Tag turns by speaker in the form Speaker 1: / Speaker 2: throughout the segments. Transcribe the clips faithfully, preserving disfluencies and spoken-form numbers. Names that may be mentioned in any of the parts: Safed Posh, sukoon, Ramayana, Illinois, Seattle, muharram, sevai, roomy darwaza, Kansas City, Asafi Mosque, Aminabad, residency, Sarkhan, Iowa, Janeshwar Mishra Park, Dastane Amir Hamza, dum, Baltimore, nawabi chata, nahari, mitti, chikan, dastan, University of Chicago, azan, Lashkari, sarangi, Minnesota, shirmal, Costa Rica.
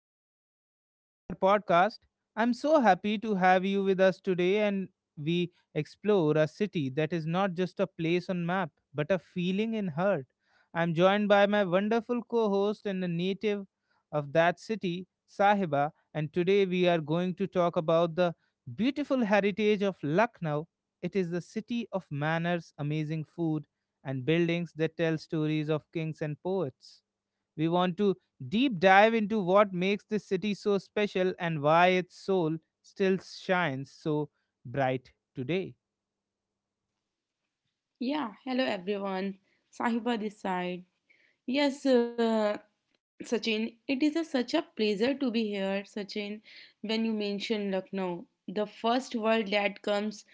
Speaker 1: welcome back to our podcast. I'm so happy to have you with us today, and we explore a city that is not just a place on map, but a feeling in heart. I'm joined by my wonderful co-host and a native of that city, Sahiba, and today we are going to talk about the beautiful heritage of Lucknow. It is the city of manners, amazing food, and buildings that tell stories of kings and poets. We want to deep dive into what makes this city so special and why its soul still shines so bright today.
Speaker 2: Yeah, hello everyone. Sahiba this side. Yes, uh, Sachin, it is a, such a pleasure to be here, Sachin. When you mention Lucknow, the first word that comes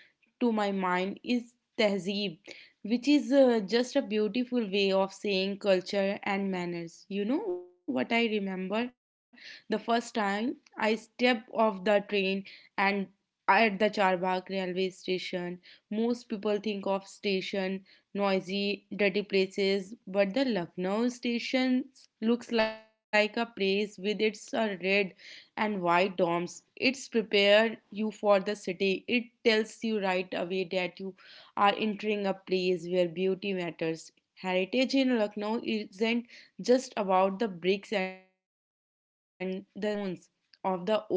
Speaker 2: to my mind is tehzeeb, which is uh, just a beautiful way of saying culture and manners. You know what I remember the first time I stepped off the train and at the Charbagh railway station, most people think of station noisy, dirty places, but the Lucknow station looks like a place with its uh, red and white domes. It's prepared you for the city. It tells you right away that you are entering a place where beauty matters. Heritage in Lucknow isn't just about the bricks and the stones of the old monuments.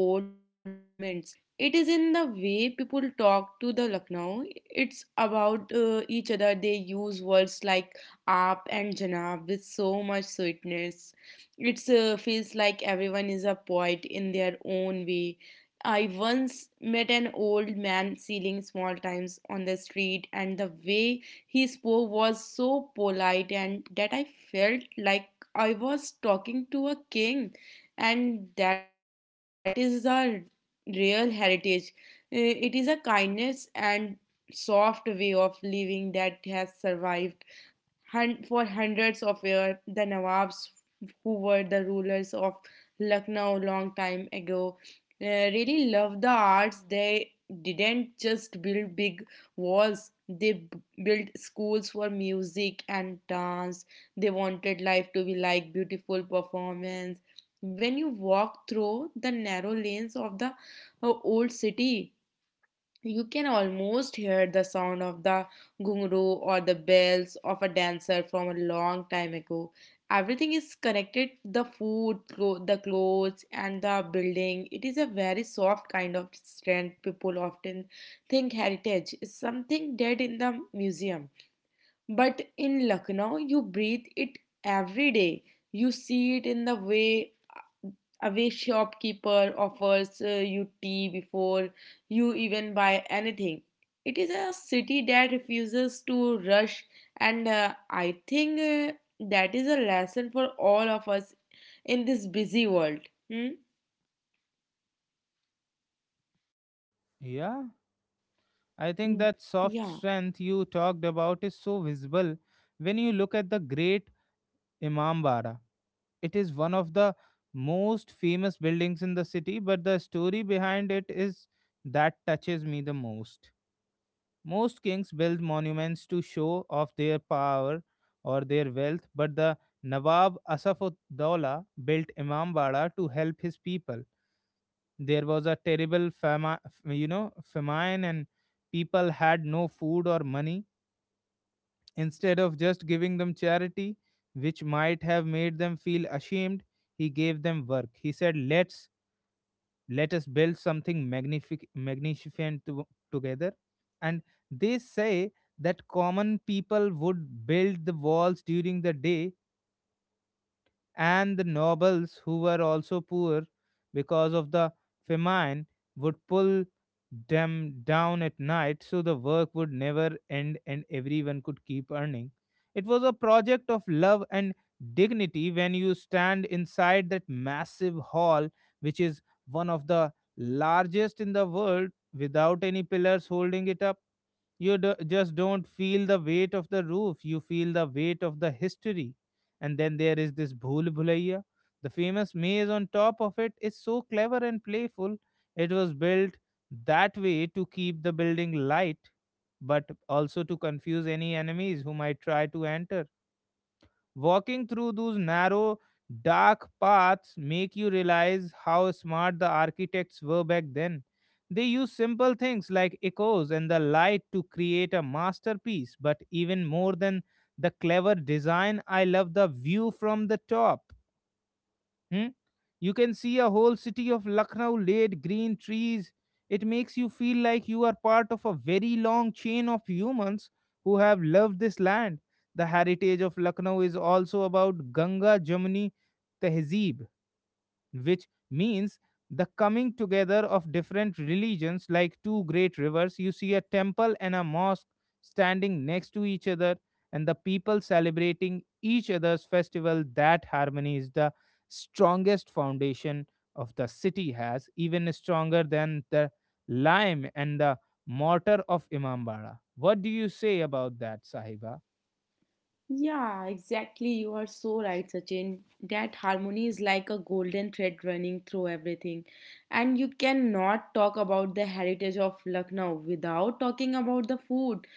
Speaker 2: It is in the way people talk to the Lucknow. It's about uh, each other. They use words like aap and janab with so much sweetness. It uh, feels like everyone is a poet in their own way. I once met an old man selling small times on the street, and the way he spoke was so polite, and that I felt like I was talking to a king, and that is the real heritage. Uh, It is a kindness and soft way of living that has survived Hun- for hundreds of years. The Nawabs, who were the rulers of Lucknow long time ago, uh, really loved the arts. They didn't just build big walls, they b- built schools for music and dance. They wanted life to be like beautiful performance. When you walk through the narrow lanes of the uh, old city, you can almost hear the sound of the gungrow or the bells of a dancer from a long time ago. Everything is connected the food, clo- the clothes, and the building. It is a very soft kind of strength. People often think heritage is something dead in the museum. But in Lucknow, you breathe it every day. You see it in the way away shopkeeper offers uh, you tea before you even buy anything. It is a city that refuses to rush, and uh, I think uh, that is a lesson for all of us in this busy world. Hmm?
Speaker 1: Yeah, I think
Speaker 2: Mm,
Speaker 1: that soft
Speaker 2: yeah,
Speaker 1: strength you talked about is so visible when you look at the great Imambara. It is one of the most famous buildings in the city, but the story behind it is that touches me the most. Most kings built monuments to show off their power or their wealth, but the Nawab Asafuddawla built Imambara to help his people. There was a terrible fama- you know, famine, and people had no food or money. Instead of just giving them charity, which might have made them feel ashamed, he gave them work. He said, Let's let us build something magnific- magnificent to- together. And they say that common people would build the walls during the day, and the nobles, who were also poor because of the famine, would pull them down at night, so the work would never end and everyone could keep earning. It was a project of love and dignity. When you stand inside that massive hall, which is one of the largest in the world without any pillars holding it up, you do, just don't feel the weight of the roof, you feel the weight of the history. And then there is this bhool bhulaiya, the famous maze on top of it, is so clever and playful. It was built that way to keep the building light, but also to confuse any enemies who might try to enter. Walking through those narrow, dark paths make you realize how smart the architects were back then. They used simple things like echoes and the light to create a masterpiece, but even more than the clever design, I love the view from the top. Hmm? You can see a whole city of Lucknow laid green trees. It makes you feel like you are part of a very long chain of humans who have loved this land. The heritage of Lucknow is also about Ganga Jamuni Tehzeeb, which means the coming together of different religions like two great rivers. You see a temple and a mosque standing next to each other, and the people celebrating each other's festival. That harmony is the strongest foundation of the city has, even stronger than the lime and the mortar of Imambara. What do you say about that, Sahiba?
Speaker 2: yeah, exactly. You are so right, Sachin. That harmony is like a golden thread running through everything, and you cannot talk about the heritage of Lucknow without talking about the food.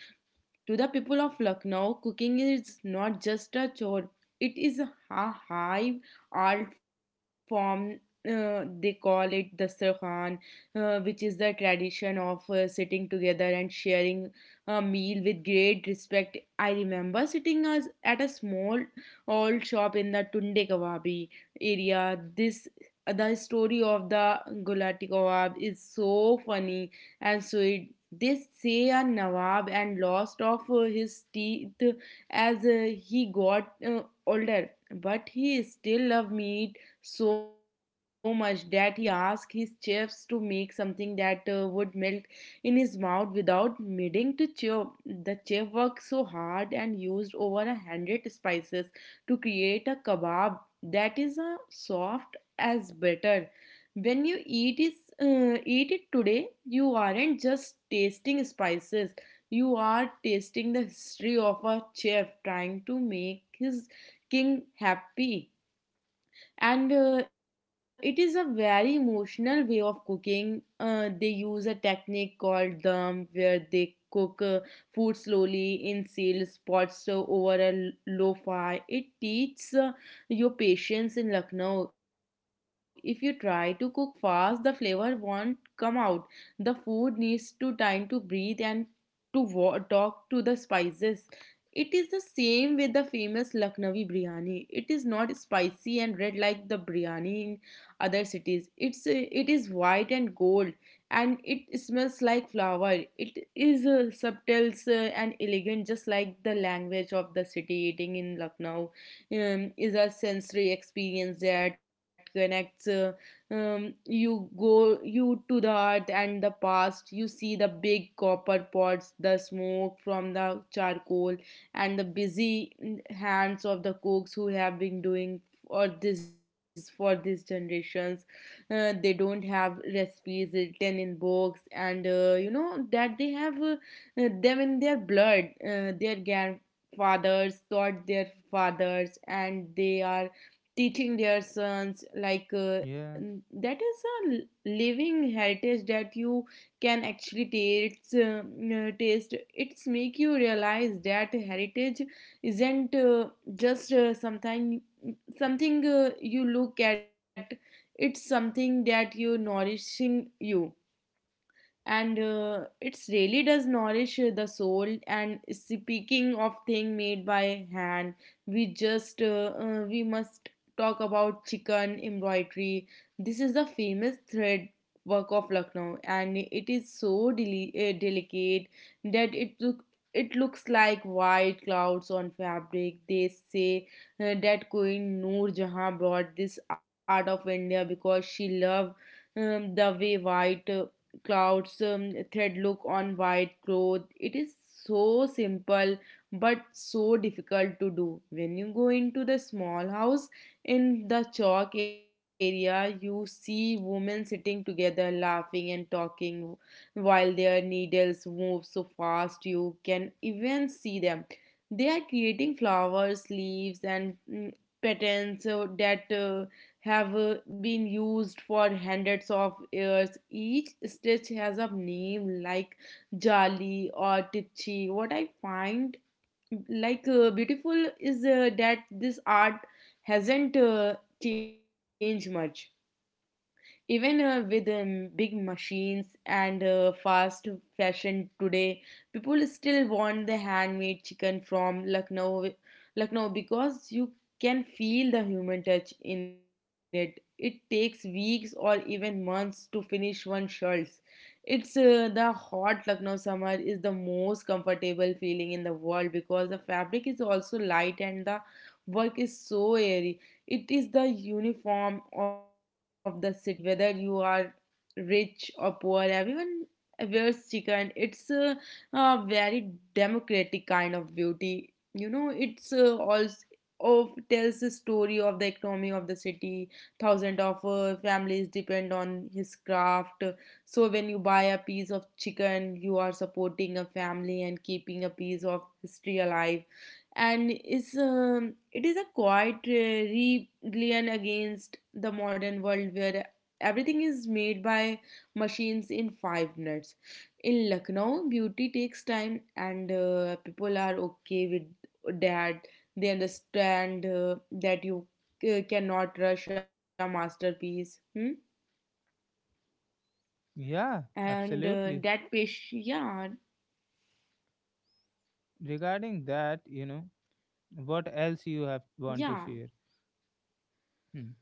Speaker 2: To the people of Lucknow, cooking is not just a chore, it is a high art form. Uh, they call it the Sarkhan, uh, which is the tradition of uh, sitting together and sharing a meal with great respect. I remember sitting as at a small old shop in the Tunde Kababi area. This the story of the gulati kebab is so funny and so. This say a Nawab and lost off uh, his teeth as uh, he got uh, older, but he still loved meat so much that he asked his chefs to make something that uh, would melt in his mouth without needing to chew. The chef worked so hard and used over a hundred spices to create a kebab that is uh, soft as butter. When you eat is uh, eat it today, you aren't just tasting spices, you are tasting the history of a chef trying to make his king happy, and uh, it is a very emotional way of cooking. Uh, they use a technique called dum, where they cook uh, food slowly in sealed pots uh, over a l- low fire. It teaches uh, your patience. In Lucknow, if you try to cook fast, the flavor won't come out. The food needs to time to breathe and to wa- talk to the spices. It is the same with the famous Lucknowi biryani. It is not spicy and red like the biryani in other cities. It's uh, it is white and gold, and it smells like flower. It is uh, subtle uh, and elegant, just like the language of the city. Eating in Lucknow um, is a sensory experience that connects. Uh, um, you go you to the earth and the past. You see the big copper pots, the smoke from the charcoal, and the busy mm, hands of the cooks who have been doing or this for these generations. Uh, they don't have recipes written in books, and uh, you know that they have uh, uh, them in their blood. Uh, their grandfathers taught their fathers, and they are teaching their sons like uh,
Speaker 1: Yeah,
Speaker 2: that is a living heritage that you can actually taste. Uh, uh, taste it's make you realize that heritage isn't uh, just uh, something something uh, you look at. It's something that you nourishing you, and uh, it's really does nourish uh, the soul. And speaking of thing made by hand, we just uh, uh, we must talk about chicken embroidery. This is the famous thread work of Lucknow, and it is so deli- uh, delicate that it look it looks like white clouds on fabric. They say uh, that Queen Noor Jahan brought this art of India because she loved um, the way white uh, clouds, um, thread look on white cloth. It is so simple but so difficult to do. When you go into the small house in the chalk area, you see women sitting together laughing and talking while their needles move so fast you can even see them. They are creating flowers, leaves, and mm, patterns so that uh, have uh, been used for hundreds of years. Each stitch has a name like Jali or Tipchi. What I find like uh, beautiful is uh, that this art hasn't uh, changed much. Even uh, with um, big machines and uh, fast fashion today, people still want the handmade chicken from Lucknow, Lucknow because you can feel the human touch in it. It takes weeks or even months to finish one shirts. It's uh, the hot Lucknow summer is the most comfortable feeling in the world because the fabric is also light and the work is so airy. It is the uniform of the city. Whether you are rich or poor, everyone wears chikan. It's a, a very democratic kind of beauty. You know, it's uh, also of tells the story of the economy of the city. Thousand of uh, families depend on his craft. So when you buy a piece of chicken, you are supporting a family and keeping a piece of history alive, and is um, it is a quiet uh, rebellion against the modern world, where everything is made by machines in five minutes. In Lucknow, beauty takes time, and uh, people are okay with that. They understand uh, that you uh, cannot rush a masterpiece. Hmm?
Speaker 1: yeah,
Speaker 2: And uh,
Speaker 1: absolutely.
Speaker 2: that patient. Yeah,
Speaker 1: Regarding that, you know, what else you have want to
Speaker 2: yeah.
Speaker 1: share hmm.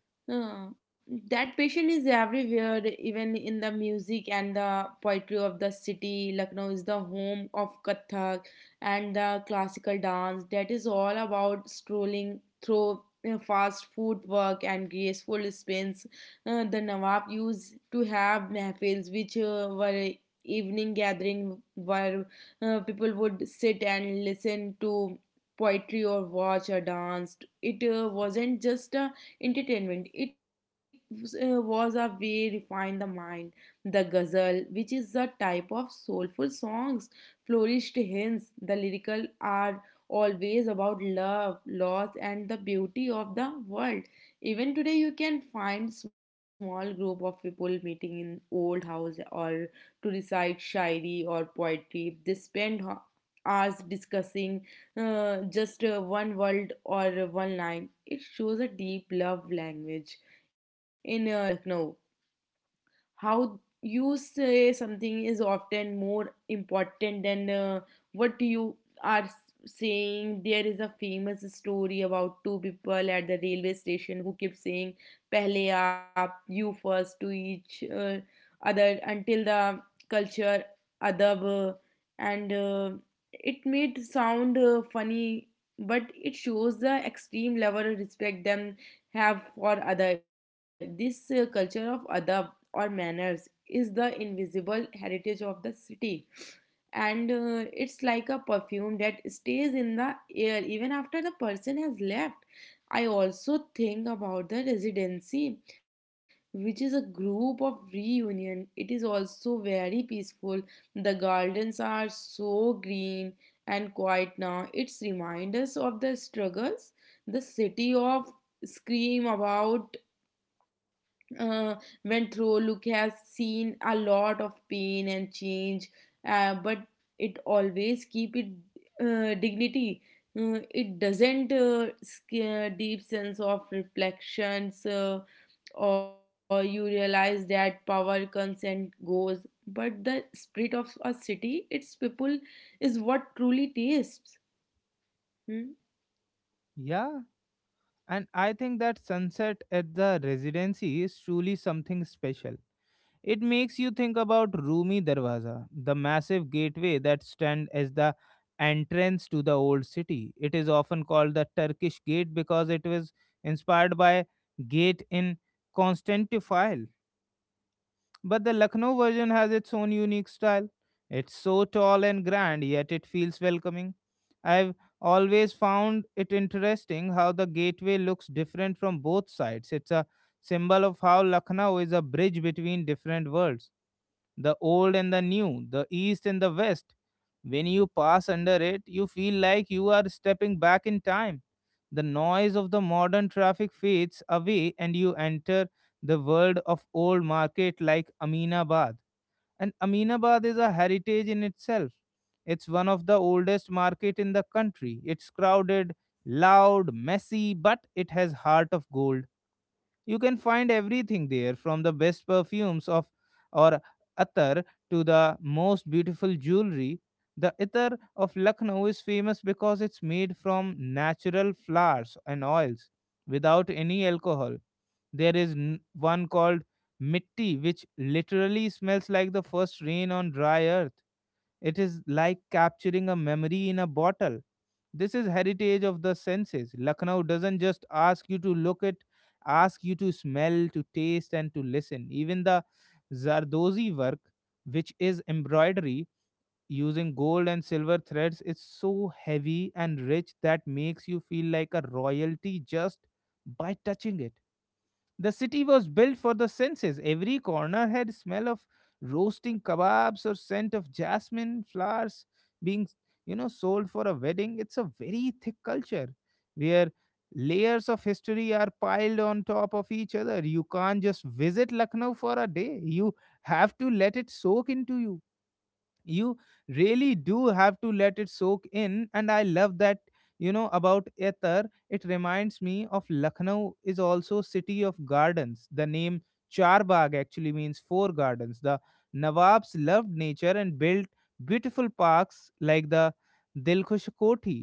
Speaker 2: Uh, that passion is everywhere, even in the music and the poetry of the city. Lucknow is the home of Kathak and the classical dance. That is all about strolling through uh, fast food work and graceful spins. Uh, the Nawab used to have mahfils, which uh, were evening gathering where uh, people would sit and listen to poetry or watch a dance. It uh, wasn't just a entertainment. It uh, was a way refine the mind. The ghazal, which is a type of soulful songs, flourished hence the lyrical are always about love, loss, and the beauty of the world. Even today, you can find small group of people meeting in old house or to recite shairi or poetry. They spend ho- hours discussing uh, just uh, one word or one line. It shows a deep love language in uh, Lucknow. How you say something is often more important than uh, what you are saying. There is a famous story about two people at the railway station who kept saying pehle aap, you first, to each uh, other until the culture adab uh, and uh, it made sound uh, funny, but it shows the extreme level of respect them have for other. This uh, culture of adab or manners is the invisible heritage of the city, and uh, it's like a perfume that stays in the air even after the person has left. I also think about the residency, which is a group of reunion. It is also very peaceful. The gardens are so green and quiet now. It's reminders of the struggles the city of scream about uh, went through. Luke has seen a lot of pain and change, uh, but it always keep it uh, dignity. Uh, it doesn't uh, scare deep sense of reflections, uh, or you realize that power comes and goes. But the spirit of a city, its people, is what truly tastes. Hmm?
Speaker 1: Yeah, and I think that sunset at the residency is truly something special. It makes you think about Roomy Darwaza, the massive gateway that stands as the entrance to the old city. It is often called the Turkish gate because it was inspired by gate in Constantinople. But the Lucknow version has its own unique style. It's so tall and grand, yet it feels welcoming. I've always found it interesting how the gateway looks different from both sides. It's a symbol of how Lucknow is a bridge between different worlds, the old and the new, the east and the west. When you pass under it, you feel like you are stepping back in time. The noise of the modern traffic fades away and you enter the world of old market like Aminabad. And Aminabad is a heritage in itself. It's one of the oldest market in the country. It's crowded, loud, messy, but it has heart of gold. You can find everything there, from the best perfumes of or attar to the most beautiful jewelry. The attar of Lucknow is famous because it's made from natural flowers and oils without any alcohol. There is n- one called mitti, which literally smells like the first rain on dry earth. It is like capturing a memory in a bottle. This is heritage of the senses. Lucknow doesn't just ask you to look it, ask you to smell, to taste, and to listen. Even the Zardozi work, which is embroidery using gold and silver threads, is so heavy and rich that makes you feel like a royalty just by touching it. The city was built for the senses. Every corner had smell of roasting kebabs or scent of jasmine flowers being, you know, sold for a wedding. It's a very thick culture where layers of history are piled on top of each other. You can't just visit Lucknow for a day. You have to let it soak into you. You really do have to let it soak in, and I love that. You know, about ether, it reminds me of Lucknow is also city of gardens. The name Charbagh actually means four gardens. The Nawabs loved nature and built beautiful parks like the Dilkhush Koti.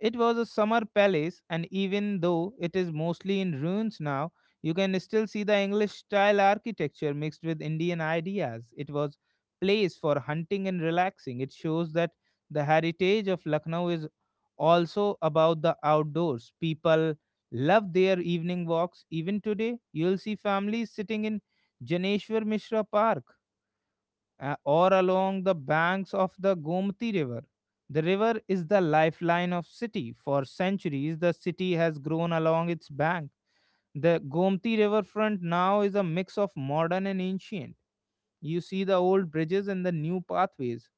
Speaker 1: It was a summer palace, and even though it is mostly in ruins now, you can still see the English style architecture mixed with Indian ideas. It was place for hunting and relaxing. It shows that the heritage of Lucknow is also about the outdoors. People love their evening walks. Even today, you'll see families sitting in Janeshwar Mishra Park, uh, or along the banks of the Gomti River. The river is the lifeline of city. For centuries, the city has grown along its bank. The Gomti riverfront now is a mix of modern and ancient. You see the old bridges and the new pathways.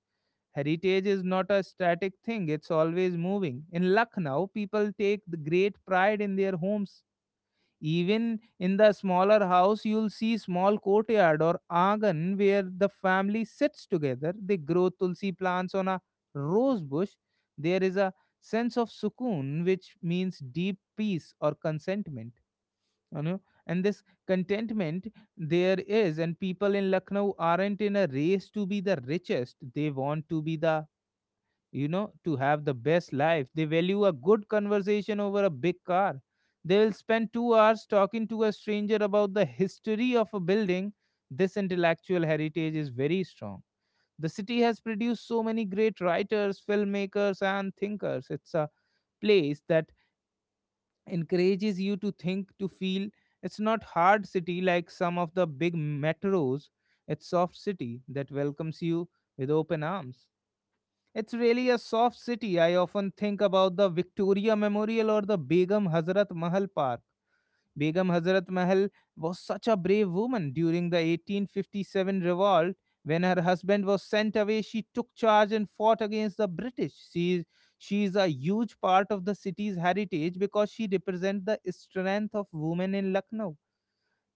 Speaker 1: Heritage is not a static thing, it's always moving. In Lucknow, people take the great pride in their homes. Even in the smaller house, you'll see small courtyard or angan where the family sits together. They grow tulsi plants on a rose bush. There is a sense of sukoon, which means deep peace or contentment. You know, and this contentment there is, and people in Lucknow aren't in a race to be the richest. They want to be the you know, to have the best life. They value a good conversation over a big car. They will spend two hours talking to a stranger about the history of a building. This intellectual heritage is very strong. The city has produced so many great writers, filmmakers, and thinkers. It's a place that encourages you to think, to feel. It's not hard city like some of the big metros. It's soft city that welcomes you with open arms. It's really a soft city. I often think about the Victoria Memorial or the Begum Hazrat Mahal Park. Begum Hazrat Mahal was such a brave woman during the eighteen fifty-seven revolt. When her husband was sent away, she took charge and fought against the British. She she is a huge part of the city's heritage because she represents the strength of women in Lucknow.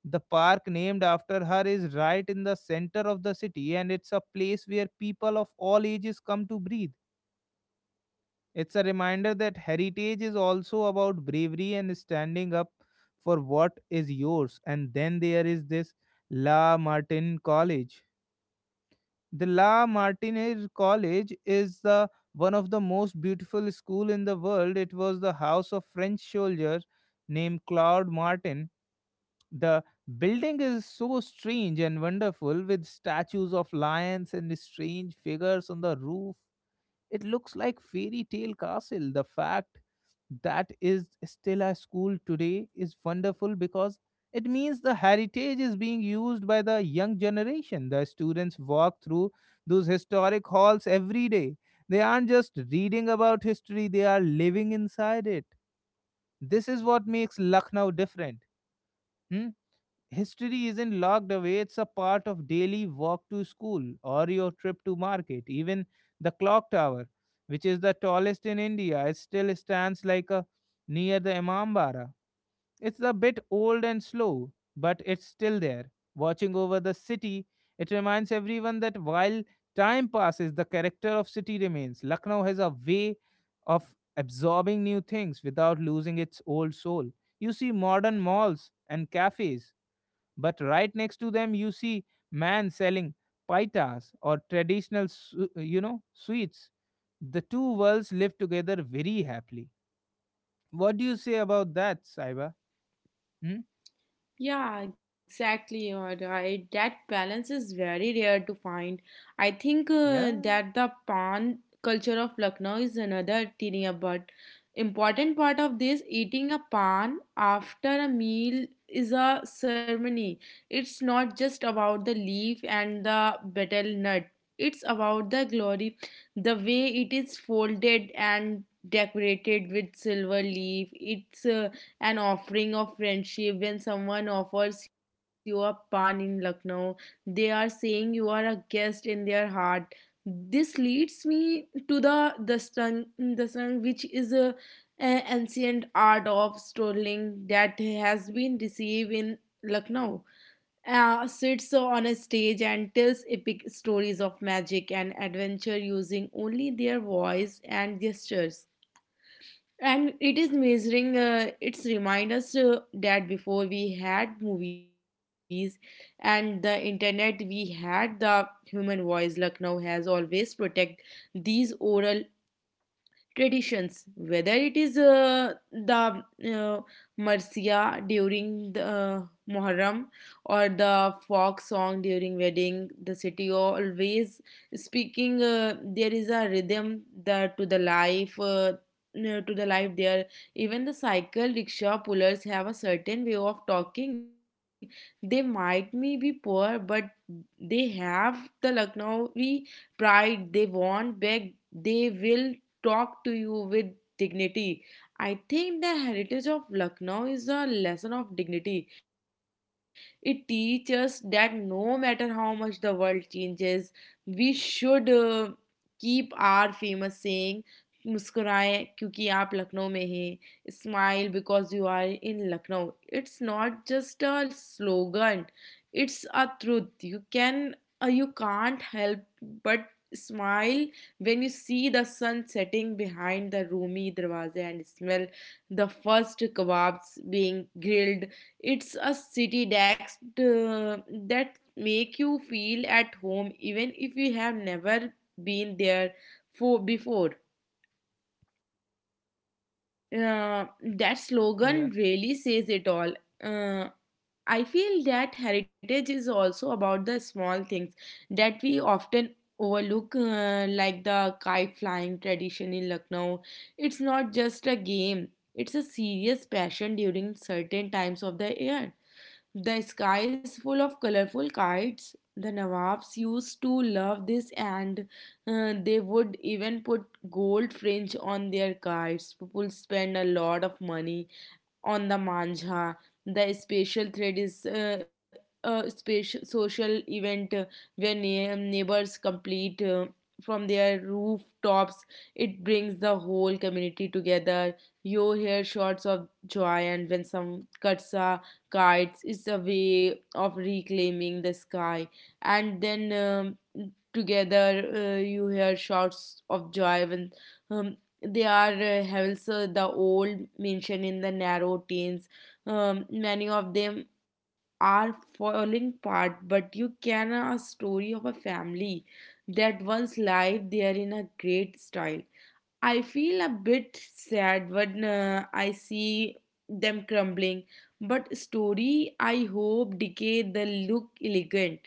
Speaker 1: The park named after her is right in the center of the city, and it's a place where people of all ages come to breathe. It's a reminder that heritage is also about bravery and standing up for what is yours. And then there is this La Martin College. The La Martinez College is the one of the most beautiful school in the world. It was the house of French soldier named Claude Martin. The building is so strange and wonderful, with statues of lions and strange figures on the roof. It looks like fairy tale castle. The fact that is still a school today is wonderful, because it means the heritage is being used by the young generation. The students walk through those historic halls every day. They aren't just reading about history, they are living inside it. This is what makes Lucknow different. Hmm? History isn't locked away, it's a part of daily walk to school or your trip to market. Even the clock tower, which is the tallest in India, it still stands like a near the Imambara. It's a bit old and slow, but it's still there. Watching over the city, it reminds everyone that while time passes, the character of city remains. Lucknow has a way of absorbing new things without losing its old soul. You see modern malls and cafes, but right next to them, you see man selling paitas or traditional, su- uh, you know, sweets. The two worlds live together very happily. What do you say about that, Saiba? Hmm?
Speaker 2: Yeah, exactly. You're right. That balance is very rare to find. I think uh,
Speaker 1: Yeah,
Speaker 2: that the pan culture of Lucknow is another thing, but important part of this eating a pan after a meal is a ceremony. It's not just about the leaf and the betel nut. It's about the glory, the way it is folded and decorated with silver leaf. It's uh, an offering of friendship. When someone offers you a pan in lucknow, they are saying you are a guest in their heart. This leads me to the dastan. Dastan which is a, a ancient art of strolling that has been received in lucknow, uh, sits on a stage and tells epic stories of magic and adventure using only their voice and gestures. And it is measuring, uh, it's remind us uh, that before we had movies and the internet, we had the human voice. Lucknow has always protect these oral traditions, whether it is uh, the uh, marsia during the uh, muharram, or the folk song during wedding. The city always speaking, uh, there is a rhythm that to the life, uh, uh, to the life there. Even the cycle rickshaw pullers have a certain way of talking. They might may be poor, but they have the lucknowi pride. They won't beg. They will talk to you with dignity. I think the heritage of Lucknow is a lesson of dignity. It teaches that no matter how much the world changes, we should uh, keep our famous saying मुस्कुराए क्योंकि आप लखनऊ में हैं smile because you are in Lucknow. It's not just a slogan, it's a truth. You can you can't help but smile. When you see the sun setting behind the roomy Darwaze and smell the first kebabs being grilled, it's a city that, uh, that make you feel at home even if you have never been there for before. Uh, that
Speaker 1: yeah,
Speaker 2: slogan really says it all. Uh, I feel that heritage is also about the small things that we often overlook, uh, like the kite flying tradition in Lucknow. It's not just a game, it's a serious passion during certain times of the year. The sky is full of colorful kites. The Nawabs used to love this, and uh, they would even put gold fringe on their kites. People spend a lot of money on the Manja. The special thread is uh, a special social event, uh, where neigh- neighbors complete, uh, from their rooftops. It brings the whole community together. You hear shots of joy, and when some cuts a kites, it's a way of reclaiming the sky. And then um, together, uh, you hear shouts of joy when um, they are, uh, also the old mansion in the narrow tents. Um, many of them are falling apart, but you can, uh, a story of a family that once lived there in a great style. I feel a bit sad when uh, I see them crumbling, but story I hope decay the look elegant.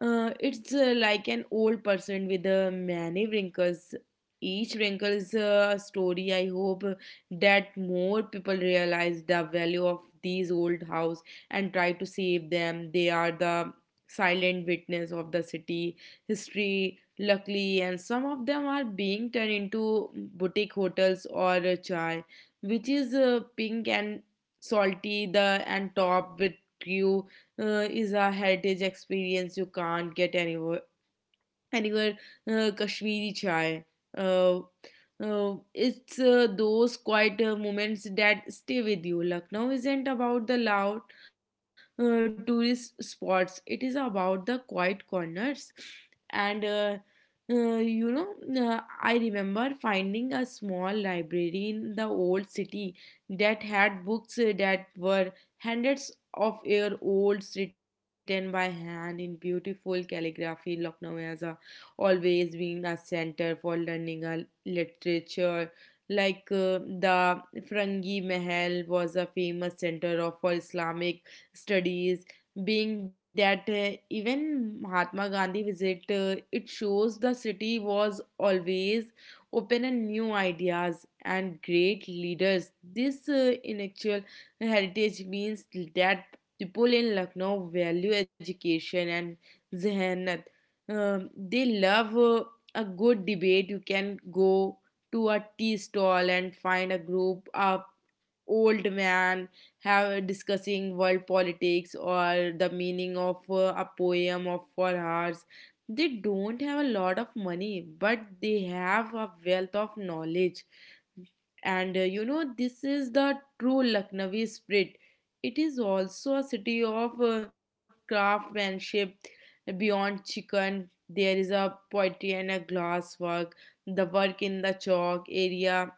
Speaker 2: Uh, it's uh, like an old person with uh, many wrinkles. Each wrinkle is uh, a story. I hope that more people realize the value of these old house and try to save them. They are the silent witness of the city history. Luckily, and some of them are being turned into boutique hotels or a chai, which is uh, pink and salty. The and topped with crew, uh, is a heritage experience you can't get anywhere, and your uh, Kashmiri chai. Uh, uh, it's uh, those quiet uh, moments that stay with you. Lucknow isn't about the loud uh, tourist spots, it is about the quiet corners. And uh, uh, you know, uh, I remember finding a small library in the old city that had books uh, that were hundreds of year olds, written by hand in beautiful calligraphy. Lucknow has a always been a center for learning a literature. Like uh, the Frangi Mahal was a famous center of, for Islamic studies. Being that uh, even Mahatma Gandhi visit, uh, it shows the city was always open and new ideas and great leaders. This uh, intellectual heritage means that people in Lucknow value education and zehanat. Um, they love uh, a good debate. You can go to a tea stall and find a group up old man have discussing world politics or the meaning of uh, a poem of for hours. They don't have a lot of money, but they have a wealth of knowledge. And uh, you know, this is the true Lucknowi spirit. It is also a city of uh, craftsmanship. Beyond chicken, there is a poetry and a glass work. The work in the chalk area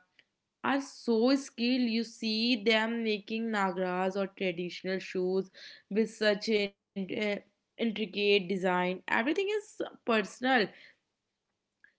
Speaker 2: are so skilled. You see them making nagaras or traditional shoes with such in, uh, intricate design. Everything is personal.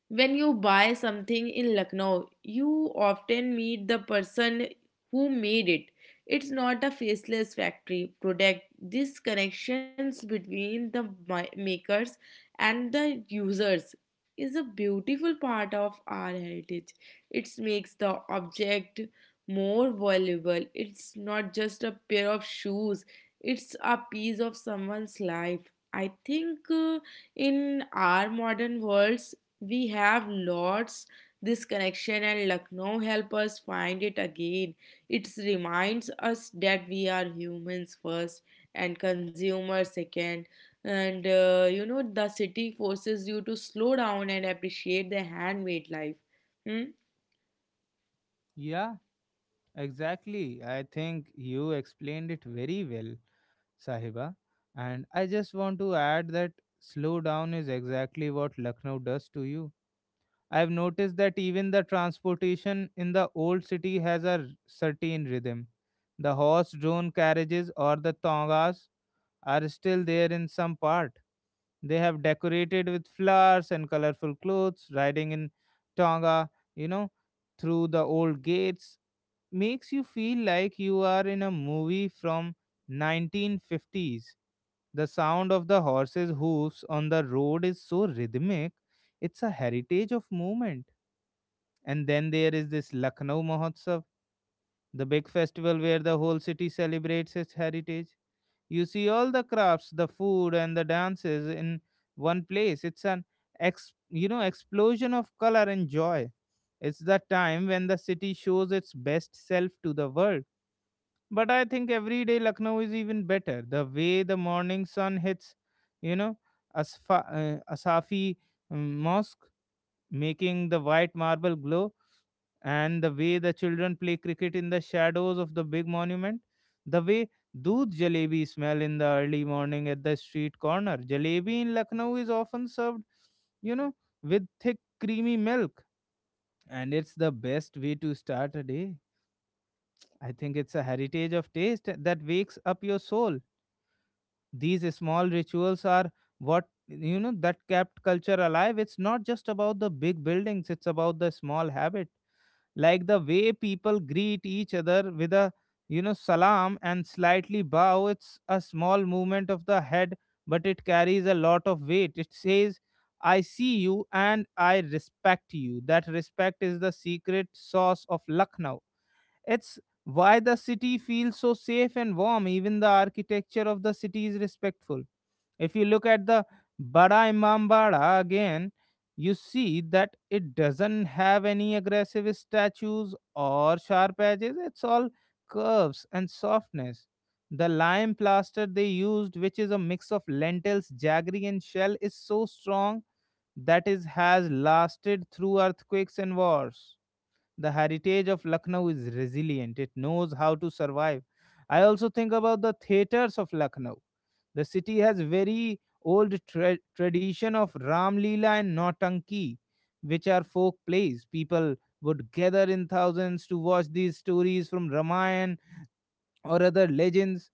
Speaker 2: When you buy something in Lucknow, you often meet the person who made it. It's not a faceless factory product. These connections between the mi- makers and the users is a beautiful part of our heritage. It makes the object more valuable. It's not just a pair of shoes, it's a piece of someone's life. I think, uh, in our modern worlds, we have lots. This connection and Lucknow help us find it again. It reminds us that we are humans first and consumers second. And uh, you know, the city forces you to slow down and appreciate the handmade life. Hmm?
Speaker 1: yeah, exactly. I think you explained it very well, Sahiba. And I just want to add that slow down is exactly what Lucknow does to you. I've noticed that even the transportation in the old city has a r- certain rhythm. The horse drawn carriages or the tongas are still there in some part. They have decorated with flowers and colorful clothes, riding in tonga, you know, through the old gates makes you feel like you are in a movie from nineteen fifties. The sound of the horses' hooves on the road is so rhythmic. It's a heritage of movement, and then there is this Lucknow Mahotsav, the big festival where the whole city celebrates its heritage. You see all the crafts, the food, and the dances in one place. It's an ex, you know explosion of color and joy. It's the time when the city shows its best self to the world. But I think every day Lucknow is even better. The way the morning sun hits, you know, Asfa, uh, Asafi um, Mosque, making the white marble glow, and the way the children play cricket in the shadows of the big monument, the way doodh jalebi smell in the early morning at the street corner. Jalebi in Lucknow is often served, you know, with thick creamy milk, and it's the best way to start a day. I think it's a heritage of taste that wakes up your soul. These small rituals are what you know that kept culture alive. It's not just about the big buildings, it's about the small habits like the way people greet each other with a you know salam and slightly bow. It's a small movement of the head, but it carries a lot of weight. It says, I see you and I respect you. That respect is the secret sauce of Lucknow. It's why the city feels so safe and warm. Even the architecture of the city is respectful. If you look at the Bada Imam again, you see that it doesn't have any aggressive statues or sharp edges. It's all curves and softness. The lime plaster they used, which is a mix of lentils, jaggery, and shell, is so strong that it has lasted through earthquakes and wars. The heritage of Lucknow is resilient, it knows how to survive. I also think about the theatres of Lucknow. The city has very old tra- tradition of Ram Leela and Nautanki, which are folk plays. People would gather in thousands to watch these stories from Ramayana or other legends.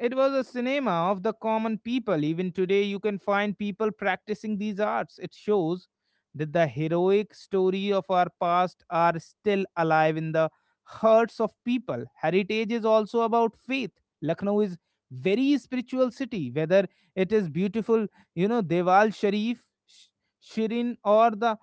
Speaker 1: It was a cinema of the common people. Even today, you can find people practicing these arts. It shows that the heroic story of our past are still alive in the hearts of people. Heritage is also about faith. Lucknow is very spiritual city. Whether it is beautiful, you know, Deval Sharif, Sh- Shirin, or the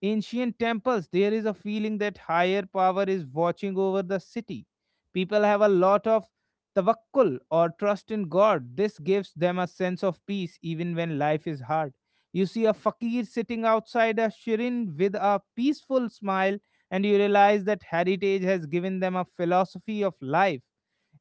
Speaker 1: ancient temples, there is a feeling that higher power is watching over the city. People have a lot of tawakkul or trust in God. This gives them a sense of peace even when life is hard. You see a fakir sitting outside a shirin with a peaceful smile, and you realize that heritage has given them a philosophy of life.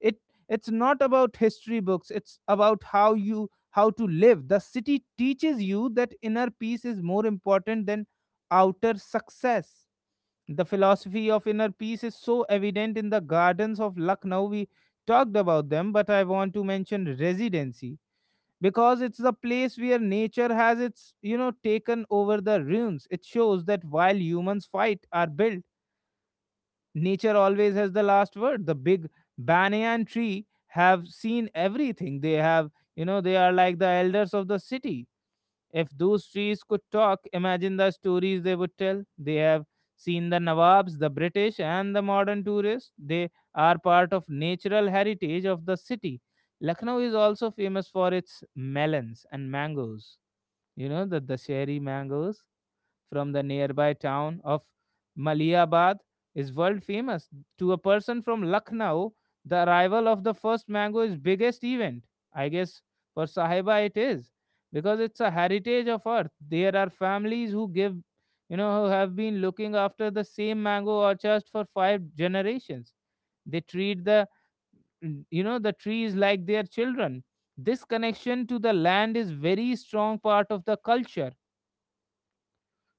Speaker 1: It it's not about history books, it's about how you how to live. The city teaches you that inner peace is more important than outer success. The philosophy of inner peace is so evident in the gardens of Lucknow. We talked about them, but I want to mention residency because it's the place where nature has its, you know, taken over the ruins. It shows that while humans fight or build, nature always has the last word. The big banyan tree have seen everything. They have, you know, they are like the elders of the city. If those trees could talk, imagine the stories they would tell. They have seen the Nawabs, the British, and the modern tourists. They are part of natural heritage of the city. Lucknow is also famous for its melons and mangoes. You know the Dasheri mangoes from the nearby town of Maliabad is world famous. To a person from Lucknow, the arrival of the first mango is biggest event. I guess for Sahiba it is, because it's a heritage of earth. There are families who give, you know, who have been looking after the same mango orchard for five generations. They treat the, you know, the trees like their children. This connection to the
Speaker 2: Yeah.
Speaker 1: land is very strong part of the culture.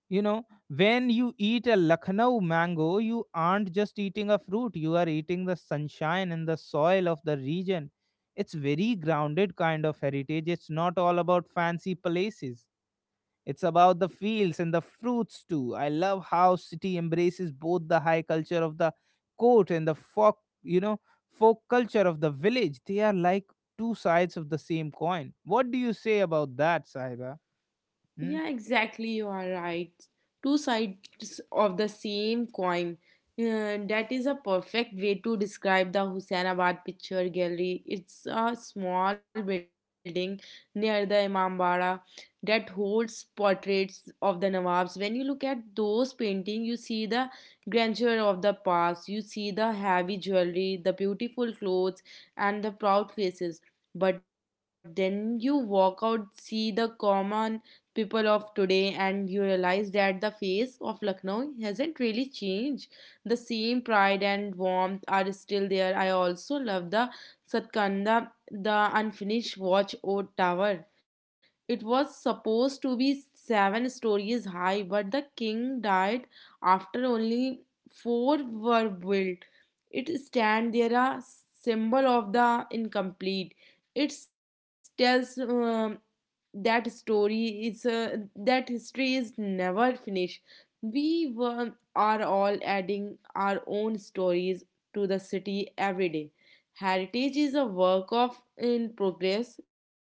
Speaker 1: You know, when you eat a Lucknow mango, you aren't just eating a fruit, you are eating the sunshine and the soil of the region. It's very grounded kind of heritage. It's not all about fancy palaces. It's about the fields and the fruits too. I love how city embraces both the high culture of the court and the folk, you know, folk culture of the village. They are like two sides of the same coin. What do you say about that, Sahiba? Hmm?
Speaker 2: Yeah, exactly. You are right. Two sides of the same coin. Uh, that is a perfect way to describe the Hussainabad Picture Gallery. It's a small building near the Imambara that holds portraits of the Nawabs. When you look at those paintings, you see the grandeur of the past, you see the heavy jewelry, the beautiful clothes, and the proud faces. But then you walk out, see the common people of today, and you realize that the face of Lucknow hasn't really changed. The same pride and warmth are still there. I also love the Satkanda, the unfinished watch or tower. It was supposed to be seven stories high, but the king died after only four were built. It stand there a symbol of the incomplete. It tells, um, that story is, uh, that history is never finished. We were, are all adding our own stories to the city every day. Heritage is a work of in progress.